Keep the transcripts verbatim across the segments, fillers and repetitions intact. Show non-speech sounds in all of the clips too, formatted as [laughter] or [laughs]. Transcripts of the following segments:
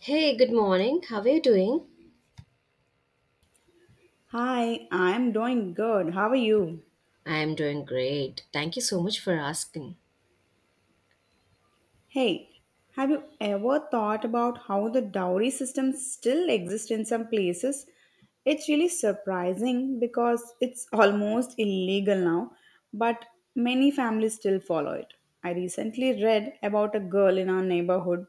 Hey, good morning. How are you doing? Hi, I'm doing good. How are you? I am doing great. Thank you so much for asking. Hey, have you ever thought about how the dowry system still exists in some places? It's really surprising because it's almost illegal now, but many families still follow it. I recently read about a girl in our neighborhood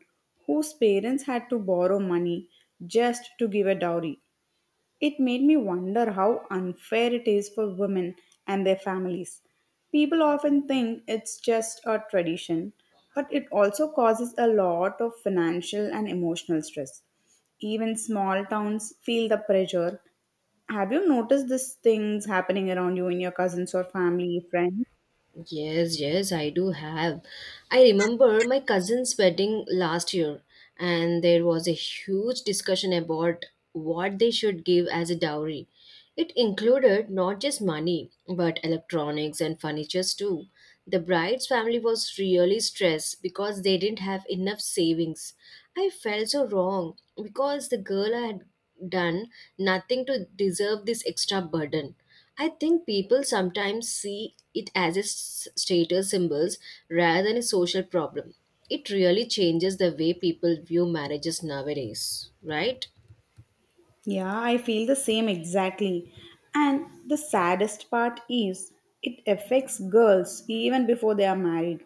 whose parents had to borrow money just to give a dowry. It made me wonder how unfair it is for women and their families. People often think it's just a tradition, but it also causes a lot of financial and emotional stress. Even small towns feel the pressure. Have you noticed these things happening around you in your cousins or family, friends? Yes, yes, I do have. I remember my cousin's wedding last year, and there was a huge discussion about what they should give as a dowry. It included not just money, but electronics and furnitures too. The bride's family was really stressed because they didn't have enough savings. I felt so wrong because the girl had done nothing to deserve this extra burden. I think people sometimes see it as a s- status symbols rather than a social problem. It really changes the way people view marriages nowadays, right? Yeah, I feel the same exactly. And the saddest part is it affects girls even before they are married.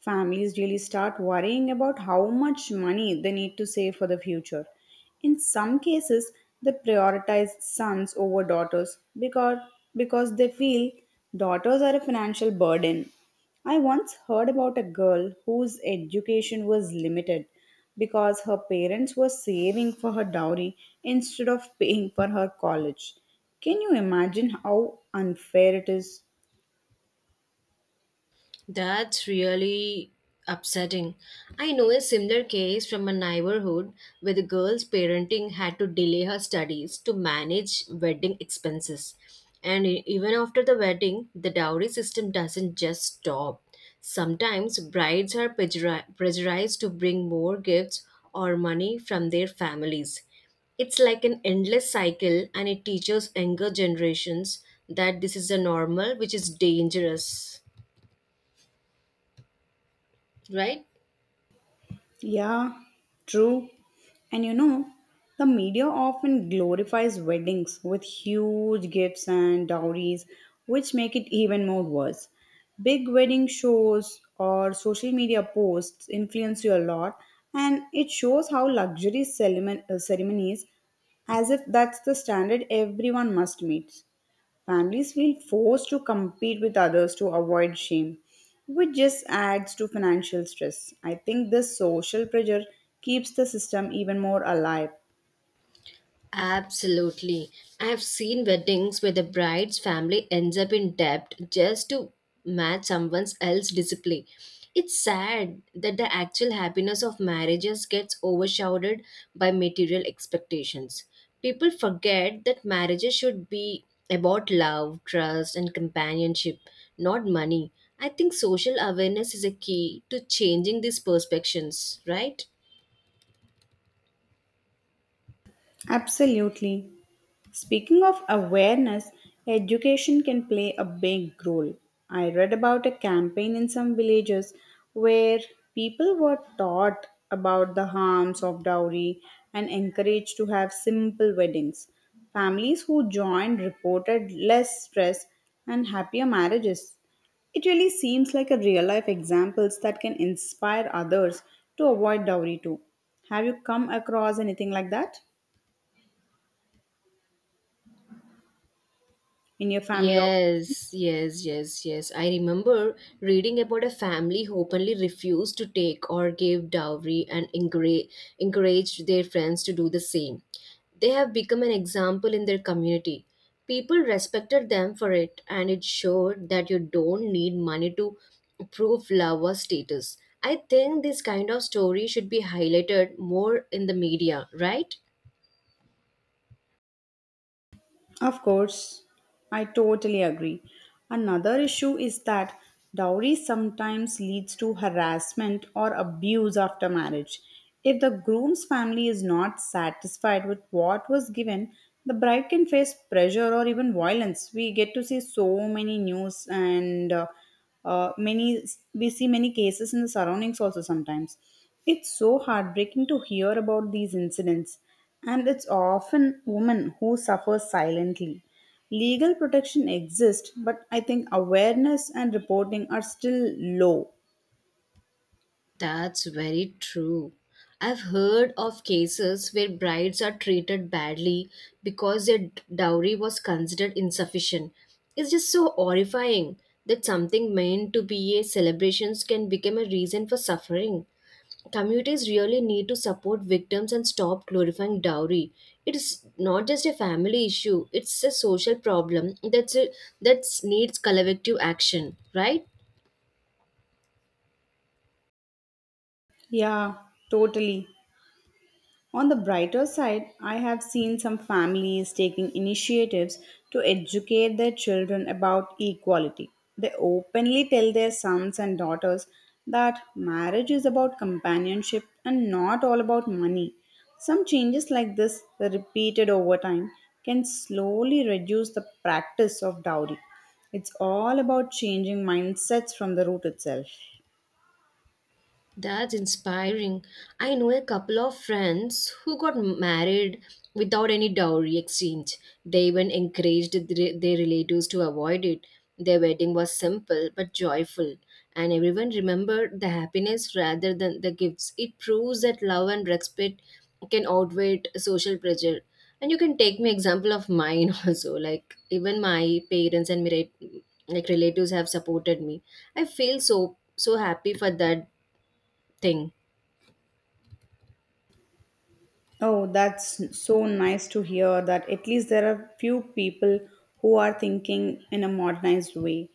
Families really start worrying about how much money they need to save for the future. In some cases, they prioritize sons over daughters because because they feel daughters are a financial burden. I once heard about a girl whose education was limited because her parents were saving for her dowry instead of paying for her college. Can you imagine how unfair it is? That's really upsetting. I know a similar case from a neighborhood where the girl's parenting had to delay her studies to manage wedding expenses. And e- even after the wedding, the dowry system doesn't just stop. Sometimes brides are pressuri- pressurized to bring more gifts or money from their families. It's like an endless cycle, and it teaches younger generations that this is a normal, which is dangerous, right? Yeah, true. And you know, the media often glorifies weddings with huge gifts and dowries, which make it even more worse. Big wedding shows or social media posts influence you a lot, and it shows how luxury ceremon- uh, ceremonies, as if that's the standard everyone must meet. Families feel forced to compete with others to avoid shame, which just adds to financial stress. I think this social pressure keeps the system even more alive. Absolutely. I have seen weddings where the bride's family ends up in debt just to match someone else's discipline. It's sad that the actual happiness of marriages gets overshadowed by material expectations. People forget that marriages should be about love, trust, and companionship, not money. I think social awareness is a key to changing these perceptions, right? Absolutely. Speaking of awareness, education can play a big role. I read about a campaign in some villages where people were taught about the harms of dowry and encouraged to have simple weddings. Families who joined reported less stress and happier marriages. It really seems like a real life examples that can inspire others to avoid dowry too. Have you come across anything like that? In your family of Yes, yes, yes, yes, I remember reading about a family who openly refused to take or give dowry and encourage, encouraged their friends to do the same. They have become an example in their community. People respected them for it, and it showed that you don't need money to prove love or status. I think this kind of story should be highlighted more in the media, right? of course, I totally agree. Another issue is that dowry sometimes leads to harassment or abuse after marriage. If the groom's family is not satisfied with what was given, the bride can face pressure or even violence. We get to see so many news, and uh, uh, many we see many cases in the surroundings also sometimes. It's so heartbreaking to hear about these incidents, and it's often women who suffer silently. Legal protection exists, but I think awareness and reporting are still low. That's very true. I've heard of cases where brides are treated badly because their dowry was considered insufficient. It's just so horrifying that something meant to be a celebration can become a reason for suffering. Communities really need to support victims and stop glorifying dowry. It is not just a family issue, it's a social problem that's a, that needs collective action, right? Yeah, totally. On the brighter side, I have seen some families taking initiatives to educate their children about equality. They openly tell their sons and daughters that marriage is about companionship and not all about money. Some changes like this, repeated over time, can slowly reduce the practice of dowry. It's all about changing mindsets from the root itself. That's inspiring. I know a couple of friends who got married without any dowry exchange. They even encouraged their their relatives to avoid it. Their wedding was simple but joyful, and everyone remembered the happiness rather than the gifts. It proves that love and respect can outweigh social pressure. And you can take me example of mine [laughs] also. Like even my parents and my like relatives have supported me. I feel so so happy for that thing. Oh, that's so nice to hear that at least there are few people who are thinking in a modernized way.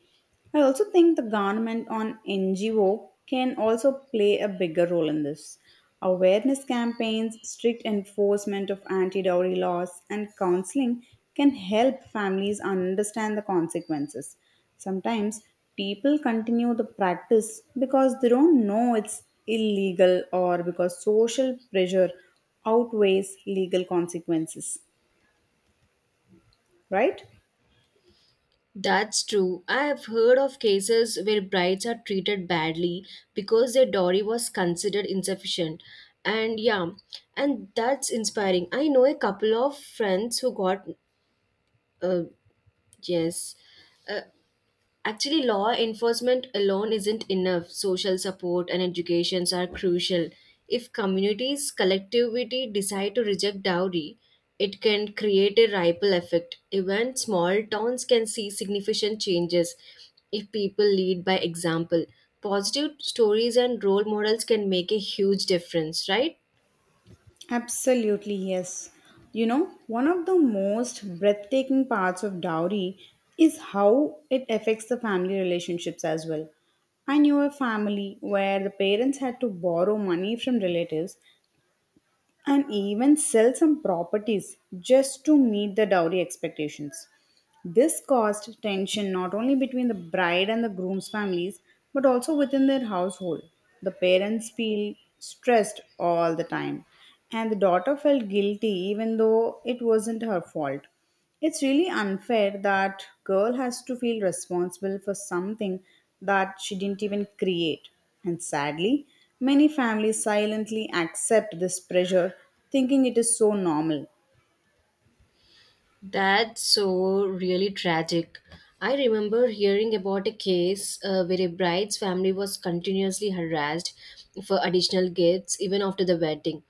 I also think the government on N G O can also play a bigger role in this. Awareness campaigns, strict enforcement of anti dowry laws, and counseling can help families understand the consequences. Sometimes people continue the practice because they don't know it's illegal or because social pressure outweighs legal consequences, right? That's true. I have heard of cases where brides are treated badly because their dowry was considered insufficient. And yeah, and that's inspiring. I know a couple of friends who got, uh, yes, uh, actually, law enforcement alone isn't enough. Social support and educations are crucial. If communities collectivity decide to reject dowry, it can create a ripple effect. Even small towns can see significant changes if people lead by example. Positive stories and role models can make a huge difference, right? Absolutely, yes. You know, one of the most breathtaking parts of dowry is how it affects the family relationships as well. I knew a family where the parents had to borrow money from relatives and even sell some properties just to meet the dowry expectations. This caused tension not only between the bride and the groom's families, but also within their household. The parents feel stressed all the time, and the daughter felt guilty even though it wasn't her fault. It's really unfair that girl has to feel responsible for something that she didn't even create. And sadly, many families silently accept this pressure thinking it is so normal. That's so really tragic. I remember hearing about a case uh, where a bride's family was continuously harassed for additional gifts even after the wedding.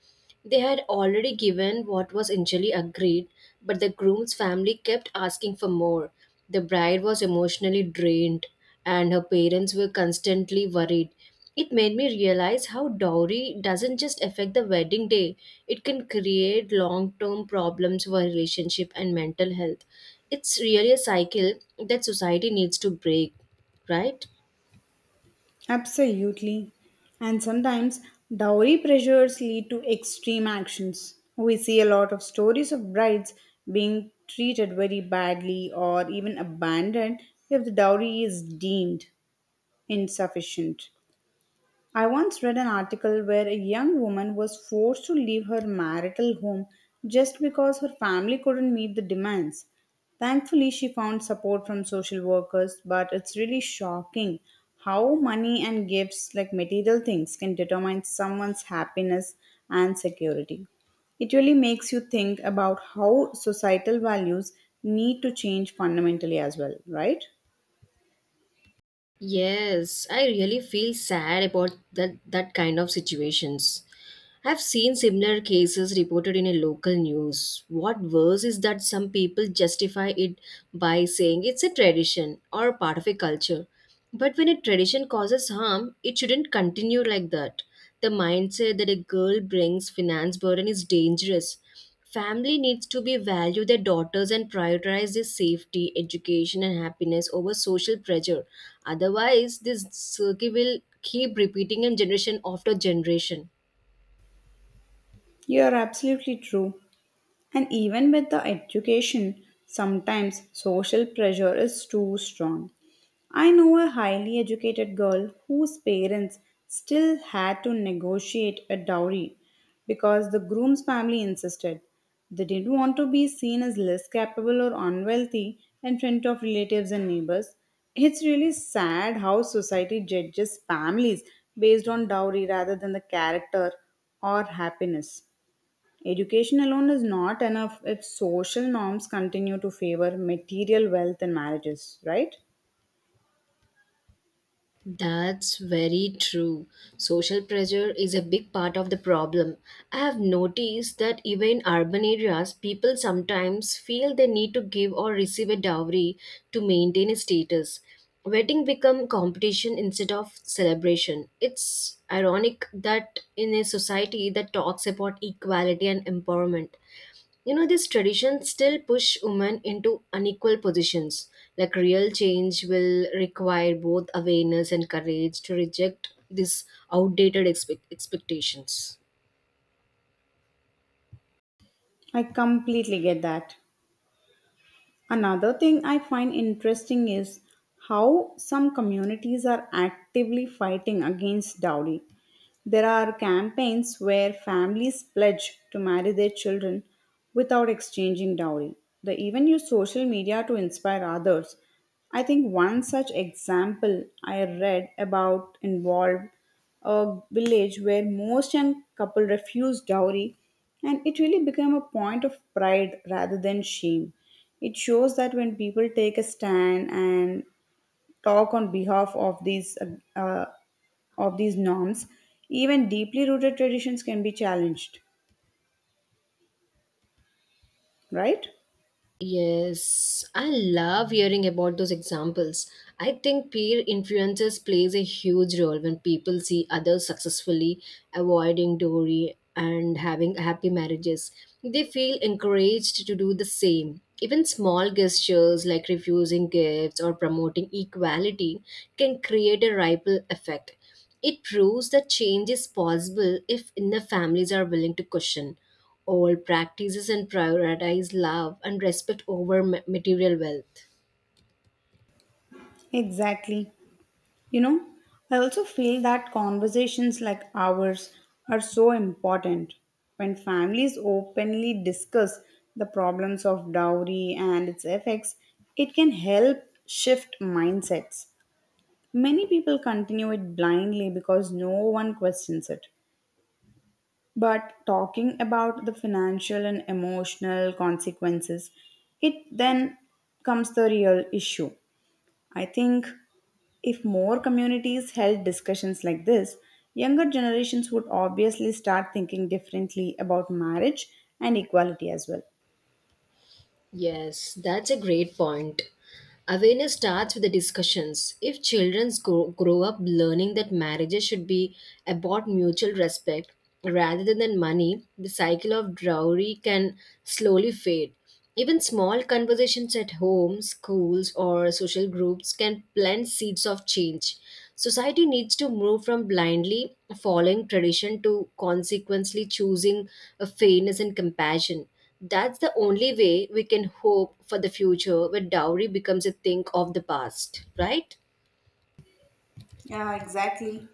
They had already given what was initially agreed, but the groom's family kept asking for more. The bride was emotionally drained and her parents were constantly worried. It made me realize how dowry doesn't just affect the wedding day, it can create long term problems for relationship and mental health. It's really a cycle that society needs to break, right? Absolutely. And sometimes dowry pressures lead to extreme actions. We see a lot of stories of brides being treated very badly or even abandoned if the dowry is deemed insufficient. I once read an article where a young woman was forced to leave her marital home just because her family couldn't meet the demands. Thankfully, she found support from social workers, but it's really shocking how money and gifts, like material things, can determine someone's happiness and security. It really makes you think about how societal values need to change fundamentally as well, right? Yes, I really feel sad about that, that kind of situations. I've seen similar cases reported in a local news. What worse is that some people justify it by saying it's a tradition or part of a culture. But when a tradition causes harm, it shouldn't continue like that. The mindset that a girl brings finance burden is dangerous. Family needs to be value their daughters and prioritize their safety, education, and happiness over social pressure. Otherwise, this circle will keep repeating in generation after generation. You're absolutely true. And even with the education, sometimes social pressure is too strong. I know a highly educated girl whose parents still had to negotiate a dowry because the groom's family insisted. They didn't want to be seen as less capable or unwealthy in front of relatives and neighbors. It's really sad how society judges families based on dowry rather than the character or happiness. Education alone is not enough if social norms continue to favor material wealth in marriages, right? That's very true. Social pressure is a big part of the problem. I have noticed that even in urban areas, people sometimes feel they need to give or receive a dowry to maintain a status. Wedding become competition instead of celebration. It's ironic that in a society that talks about equality and empowerment, you know, these traditions still push women into unequal positions. Like real change will require both awareness and courage to reject these outdated expect- expectations. I completely get that. Another thing I find interesting is how some communities are actively fighting against dowry. There are campaigns where families pledge to marry their children without exchanging dowry. They even use social media to inspire others. I think one such example I read about involved a village where most young couple refused dowry and it really became a point of pride rather than shame. It shows that when people take a stand and talk on behalf of these uh, uh, of these norms, even deeply rooted traditions can be challenged, right? Yes, I love hearing about those examples. I think peer influences plays a huge role when people see others successfully avoiding dowry and having happy marriages. They feel encouraged to do the same. Even small gestures like refusing gifts or promoting equality can create a ripple effect. It proves that change is possible if enough families are willing to question all practices and prioritize love and respect over ma- material wealth. Exactly. You know, I also feel that conversations like ours are so important. When families openly discuss the problems of dowry and its effects, it can help shift mindsets. Many people continue it blindly because no one questions it. But talking about the financial and emotional consequences, it then comes the real issue. I think if more communities held discussions like this, younger generations would obviously start thinking differently about marriage and equality as well. Yes, that's a great point. Awareness starts with the discussions. If children grow, grow up learning that marriages should be about mutual respect rather than money, the cycle of dowry can slowly fade. Even small conversations at home, schools, or social groups can plant seeds of change. Society needs to move from blindly following tradition to consequently choosing a fairness and compassion. That's the only way we can hope for the future where dowry becomes a thing of the past, right? Yeah, exactly.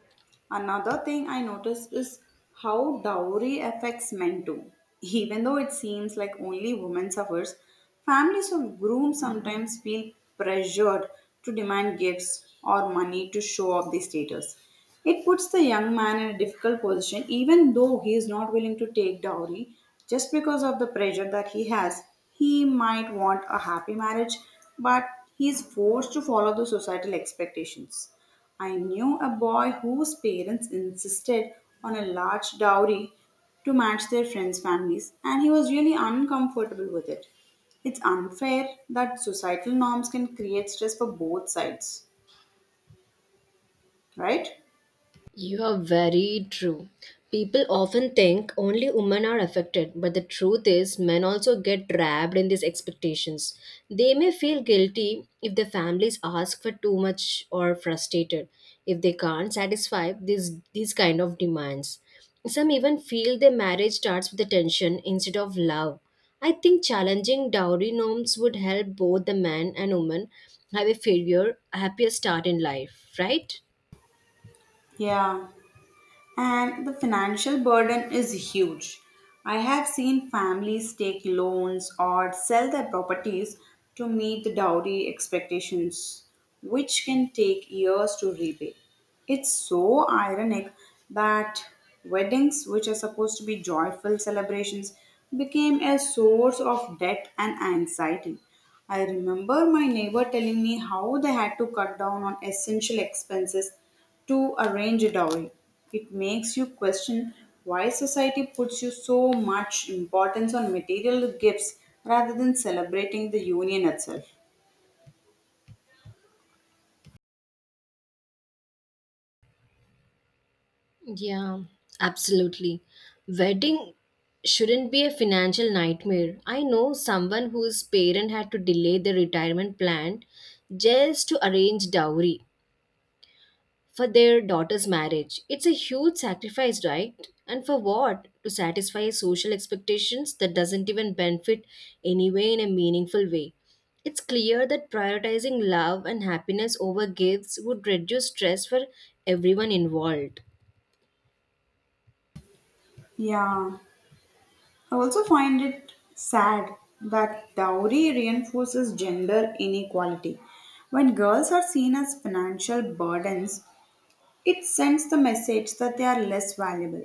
Another thing I noticed is how dowry affects men too. Even though it seems like only women suffers, families of grooms sometimes feel pressured to demand gifts or money to show off the status. It puts the young man in a difficult position even though he is not willing to take dowry just because of the pressure that he has. He might want a happy marriage, but he is forced to follow the societal expectations. I knew a boy whose parents insisted on a large dowry to match their friends' families, and he was really uncomfortable with it. It's unfair that societal norms can create stress for both sides, right? You are very true. People often think only women are affected, but the truth is, men also get trapped in these expectations. They may feel guilty if their families ask for too much or frustrated if they can't satisfy these, these kind of demands. Some even feel their marriage starts with attention instead of love. I think challenging dowry norms would help both the man and woman have a failure, happier start in life, right? Yeah. And the financial burden is huge. I have seen families take loans or sell their properties to meet the dowry expectations, which can take years to repay. It's so ironic that weddings, which are supposed to be joyful celebrations, became a source of debt and anxiety. I remember my neighbor telling me how they had to cut down on essential expenses to arrange a dowry. It makes you question why society puts you so much importance on material gifts rather than celebrating the union itself. Yeah, absolutely. Wedding shouldn't be a financial nightmare. I know someone whose parent had to delay their retirement plan just to arrange dowry for their daughter's marriage. It's a huge sacrifice, right? And for what? To satisfy social expectations that doesn't even benefit anyway in a meaningful way. It's clear that prioritizing love and happiness over gifts would reduce stress for everyone involved. Yeah, I also find it sad that dowry reinforces gender inequality. When girls are seen as financial burdens, it sends the message that they are less valuable.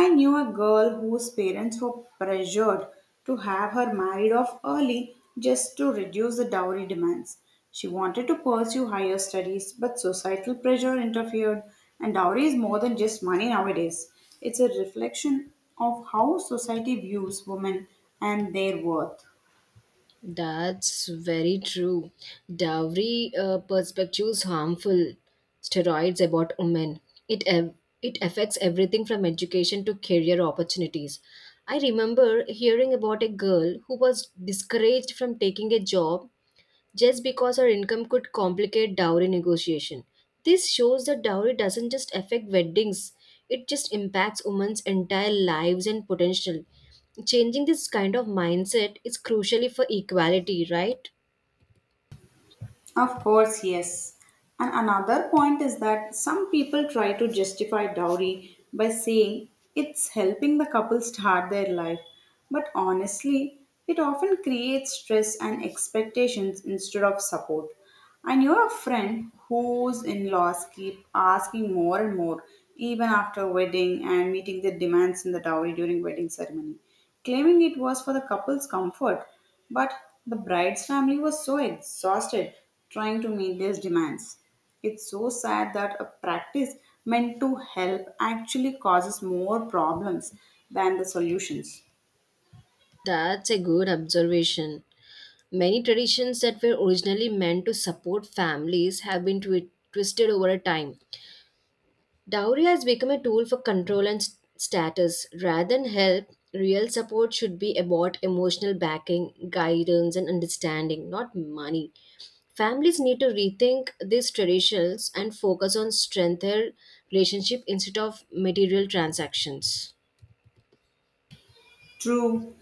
I knew a girl whose parents were pressured to have her married off early just to reduce the dowry demands. She wanted to pursue higher studies, but societal pressure interfered, and dowry is more than just money nowadays. It's a reflection of how society views women and their worth. That's very true. Dowry uh, perspective is harmful. Steroids about women. It ev- it affects everything from education to career opportunities. I remember hearing about a girl who was discouraged from taking a job just because her income could complicate dowry negotiation. This shows that dowry doesn't just affect weddings, it just impacts women's entire lives and potential. Changing this kind of mindset is crucially for equality, right? Of course, yes. And another point is that some people try to justify dowry by saying it's helping the couple start their life. But honestly, it often creates stress and expectations instead of support. And you're a friend whose in laws keep asking more and more, even after wedding and meeting their demands in the dowry during wedding ceremony, claiming it was for the couple's comfort. But the bride's family was so exhausted trying to meet these demands. It's so sad that a practice meant to help actually causes more problems than the solutions. That's a good observation. Many traditions that were originally meant to support families have been twi- twisted over time. Dowry has become a tool for control and s- status. Rather than help, real support should be about emotional backing, guidance, and understanding, not money. Families need to rethink these traditions and focus on strengther relationship instead of material transactions. True,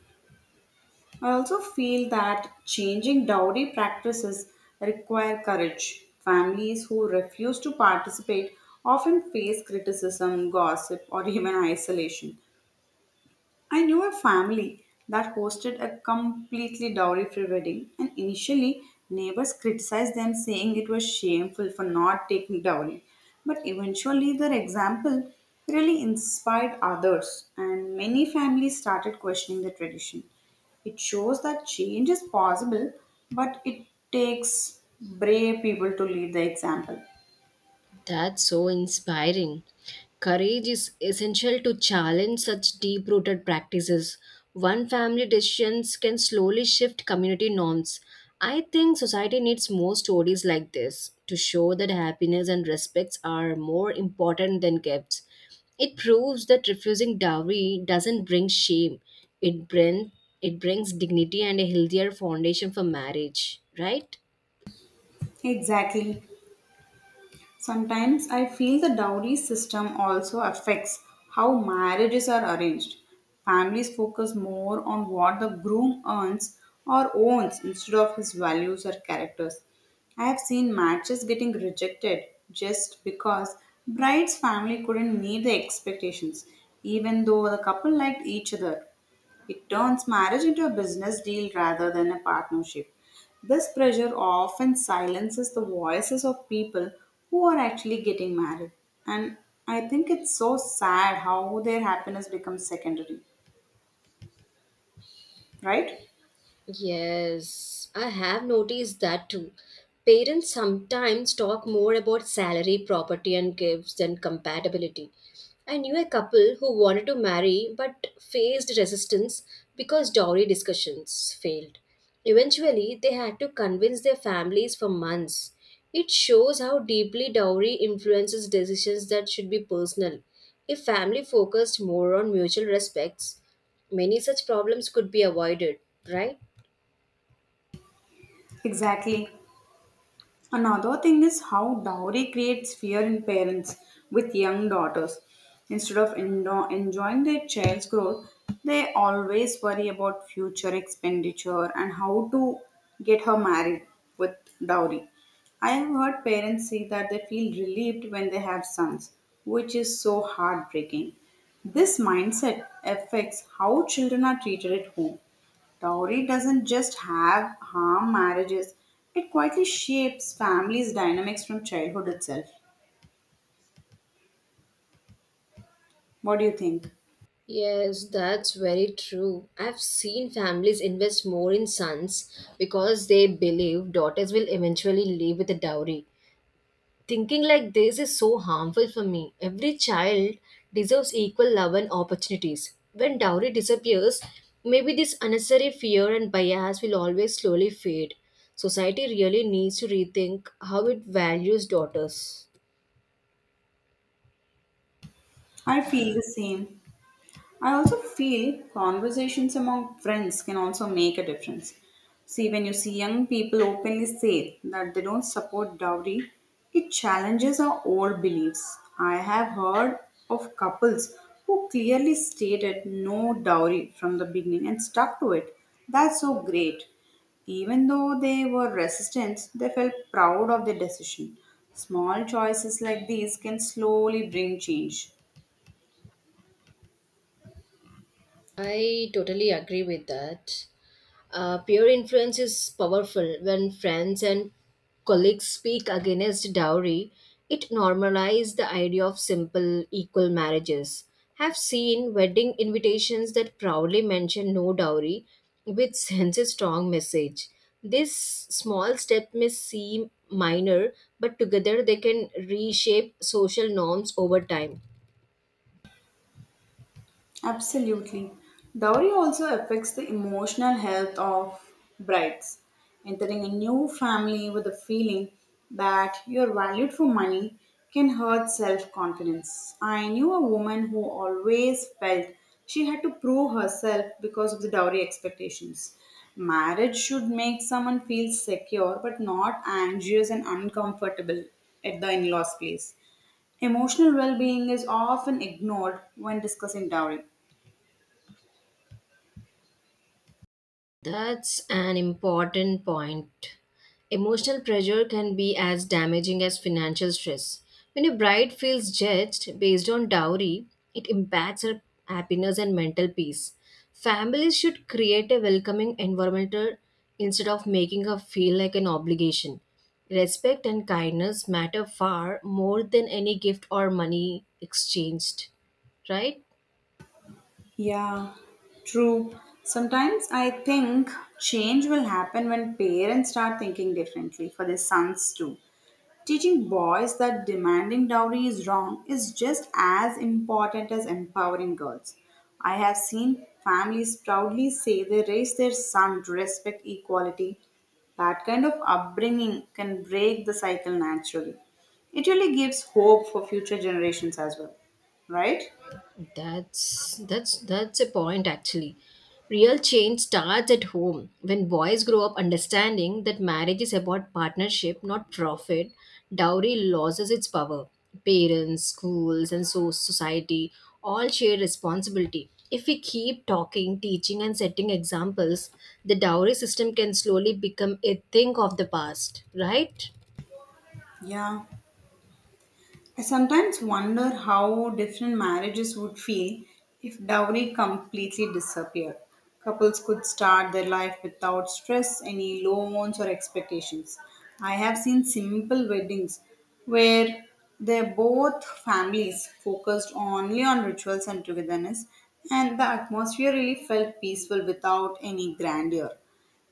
I also feel that changing dowry practices require courage. Families who refuse to participate often face criticism, gossip, or even isolation. I knew a family that hosted a completely dowry free wedding, and initially, neighbors criticized them, saying it was shameful for not taking dowry. But eventually, their example really inspired others, and many families started questioning the tradition. It shows that change is possible, but it takes brave people to lead the example. That's so inspiring. Courage is essential to challenge such deep rooted practices. One family decisions can slowly shift community norms. I think society needs more stories like this to show that happiness and respects are more important than gifts. It proves that refusing dowry doesn't bring shame. It bring, it brings dignity and a healthier foundation for marriage, right? Exactly. Sometimes I feel the dowry system also affects how marriages are arranged. Families focus more on what the groom earns or owns instead of his values or characters. I have seen matches getting rejected just because bride's family couldn't meet the expectations, even though the couple liked each other. It turns marriage into a business deal rather than a partnership. This pressure often silences the voices of people who are actually getting married. And I think it's so sad how their happiness becomes secondary, right? Yes, I have noticed that too. Parents sometimes talk more about salary, property, and gifts than compatibility. I knew a couple who wanted to marry but faced resistance because dowry discussions failed. Eventually, they had to convince their families for months. It shows how deeply dowry influences decisions that should be personal. If family focused more on mutual respects, many such problems could be avoided, right? Exactly. Another thing is how dowry creates fear in parents with young daughters. Instead of endo- enjoying their child's growth, they always worry about future expenditure and how to get her married with dowry. I have heard parents say that they feel relieved when they have sons, which is so heartbreaking. This mindset affects how children are treated at home. Dowry doesn't just have harm marriages, it quietly shapes families' dynamics from childhood itself. What do you think? Yes, that's very true. I've seen families invest more in sons because they believe daughters will eventually leave with a dowry. Thinking like this is so harmful for me. Every child deserves equal love and opportunities. When dowry disappears, maybe this unnecessary fear and bias will always slowly fade. Society really needs to rethink how it values daughters. I feel the same. I also feel conversations among friends can also make a difference. See, when you see young people openly say that they don't support dowry, it challenges our old beliefs. I have heard of couples who clearly stated no dowry from the beginning and stuck to it. That's so great. Even though they were resistant, they felt proud of their decision. Small choices like these can slowly bring change. I totally agree with that. Uh, peer influence is powerful. When friends and colleagues speak against dowry, it normalizes the idea of simple, equal marriages. Have seen wedding invitations that proudly mention no dowry, which sends a strong message. This small step may seem minor, but together they can reshape social norms over time. Absolutely. Dowry also affects the emotional health of brides. Entering a new family with a feeling that you're valued for money can hurt self confidence. I knew a woman who always felt she had to prove herself because of the dowry expectations. Marriage should make someone feel secure but not anxious and uncomfortable at the in law's place. Emotional well being is often ignored when discussing dowry. That's an important point. Emotional pressure can be as damaging as financial stress. When a bride feels judged based on dowry, it impacts her happiness and mental peace. Families should create a welcoming environment instead of making her feel like an obligation. Respect and kindness matter far more than any gift or money exchanged, right? Yeah, true. Sometimes I think change will happen when parents start thinking differently for their sons too. Teaching boys that demanding dowry is wrong is just as important as empowering girls. I have seen families proudly say they raise their son to respect equality. That kind of upbringing can break the cycle naturally. It really gives hope for future generations as well, right? That's that's that's a point actually. Real change starts at home. When boys grow up understanding that marriage is about partnership, not profit, dowry loses its power. Parents, schools, and so society all share responsibility. If we keep talking, teaching, and setting examples, the dowry system can slowly become a thing of the past, right? Yeah. I sometimes wonder how different marriages would feel if dowry completely disappeared. Couples could start their life without stress, any loans or expectations. I have seen simple weddings where they both families focused only on rituals and togetherness, and the atmosphere really felt peaceful without any grandeur.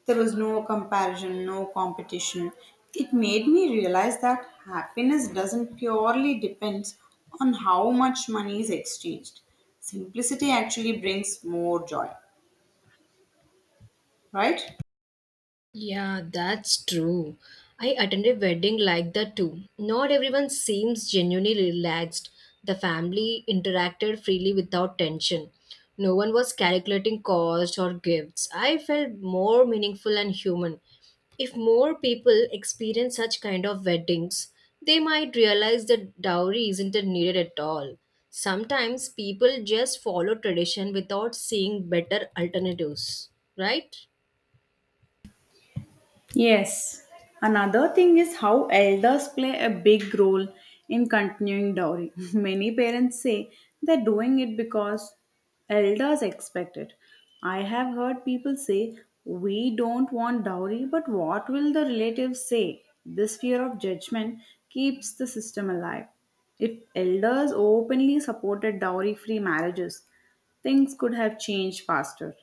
There was no comparison, no competition. It made me realize that happiness doesn't purely depend on how much money is exchanged. Simplicity actually brings more joy, right? Yeah, that's true. I attended a wedding like that too. Not everyone seems genuinely relaxed. The family interacted freely without tension. No one was calculating cost or gifts. I felt more meaningful and human. If more people experience such kind of weddings, they might realize that dowry isn't needed at all. Sometimes people just follow tradition without seeing better alternatives, right? Yes. Another thing is how elders play a big role in continuing dowry. [laughs] Many parents say they're doing it because elders expect it. I have heard people say, we don't want dowry, but what will the relatives say? This fear of judgment keeps the system alive. If elders openly supported dowry free marriages, things could have changed faster.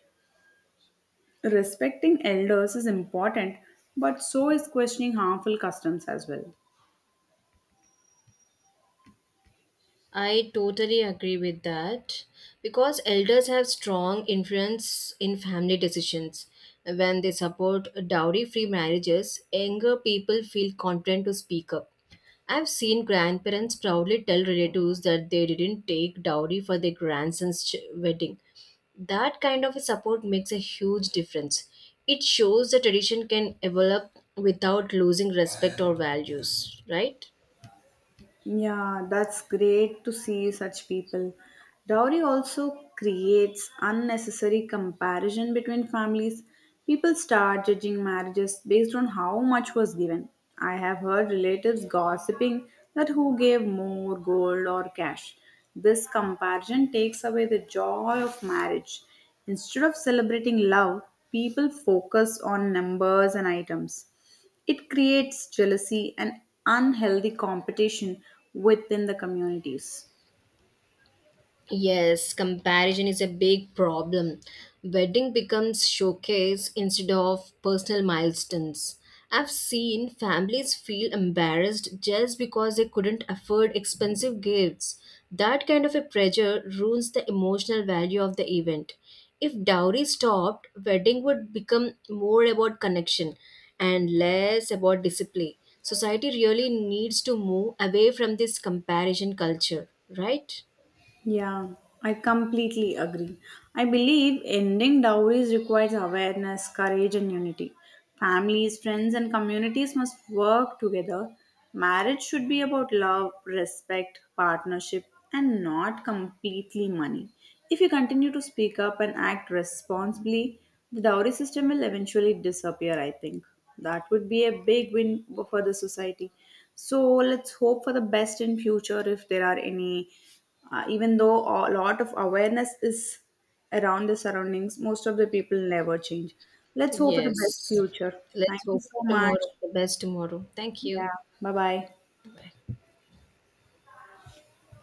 Respecting elders is important, but so is questioning harmful customs as well. I totally agree with that because elders have strong influence in family decisions. When they support dowry free marriages, younger people feel confident to speak up. I've seen grandparents proudly tell relatives that they didn't take dowry for their grandson's ch- wedding. That kind of a support makes a huge difference. It shows the tradition can develop without losing respect or values, right? Yeah, that's great to see such people. Dowry also creates unnecessary comparison between families. People start judging marriages based on how much was given. I have heard relatives gossiping that who gave more gold or cash. This comparison takes away the joy of marriage. Instead of celebrating love, people focus on numbers and items. It creates jealousy and unhealthy competition within the communities. Yes, comparison is a big problem. Wedding becomes showcase instead of personal milestones. I've seen families feel embarrassed just because they couldn't afford expensive gifts. That kind of a pressure ruins the emotional value of the event. If dowry stopped, wedding would become more about connection and less about discipline. Society really needs to move away from this comparison culture, right? Yeah, I completely agree. I believe ending dowries requires awareness, courage, and unity. Families, friends, and communities must work together. Marriage should be about love, respect, partnership, and not completely money. If you continue to speak up and act responsibly, the dowry system will eventually disappear, I think. That would be a big win for the society. So let's hope for the best in future if there are any uh, even though a lot of awareness is around the surroundings, most of the people never change. Let's hope for the best Yes. future. Thank Let's you hope so for much. tomorrow, the best tomorrow. Thank you. Yeah, bye bye. Bye.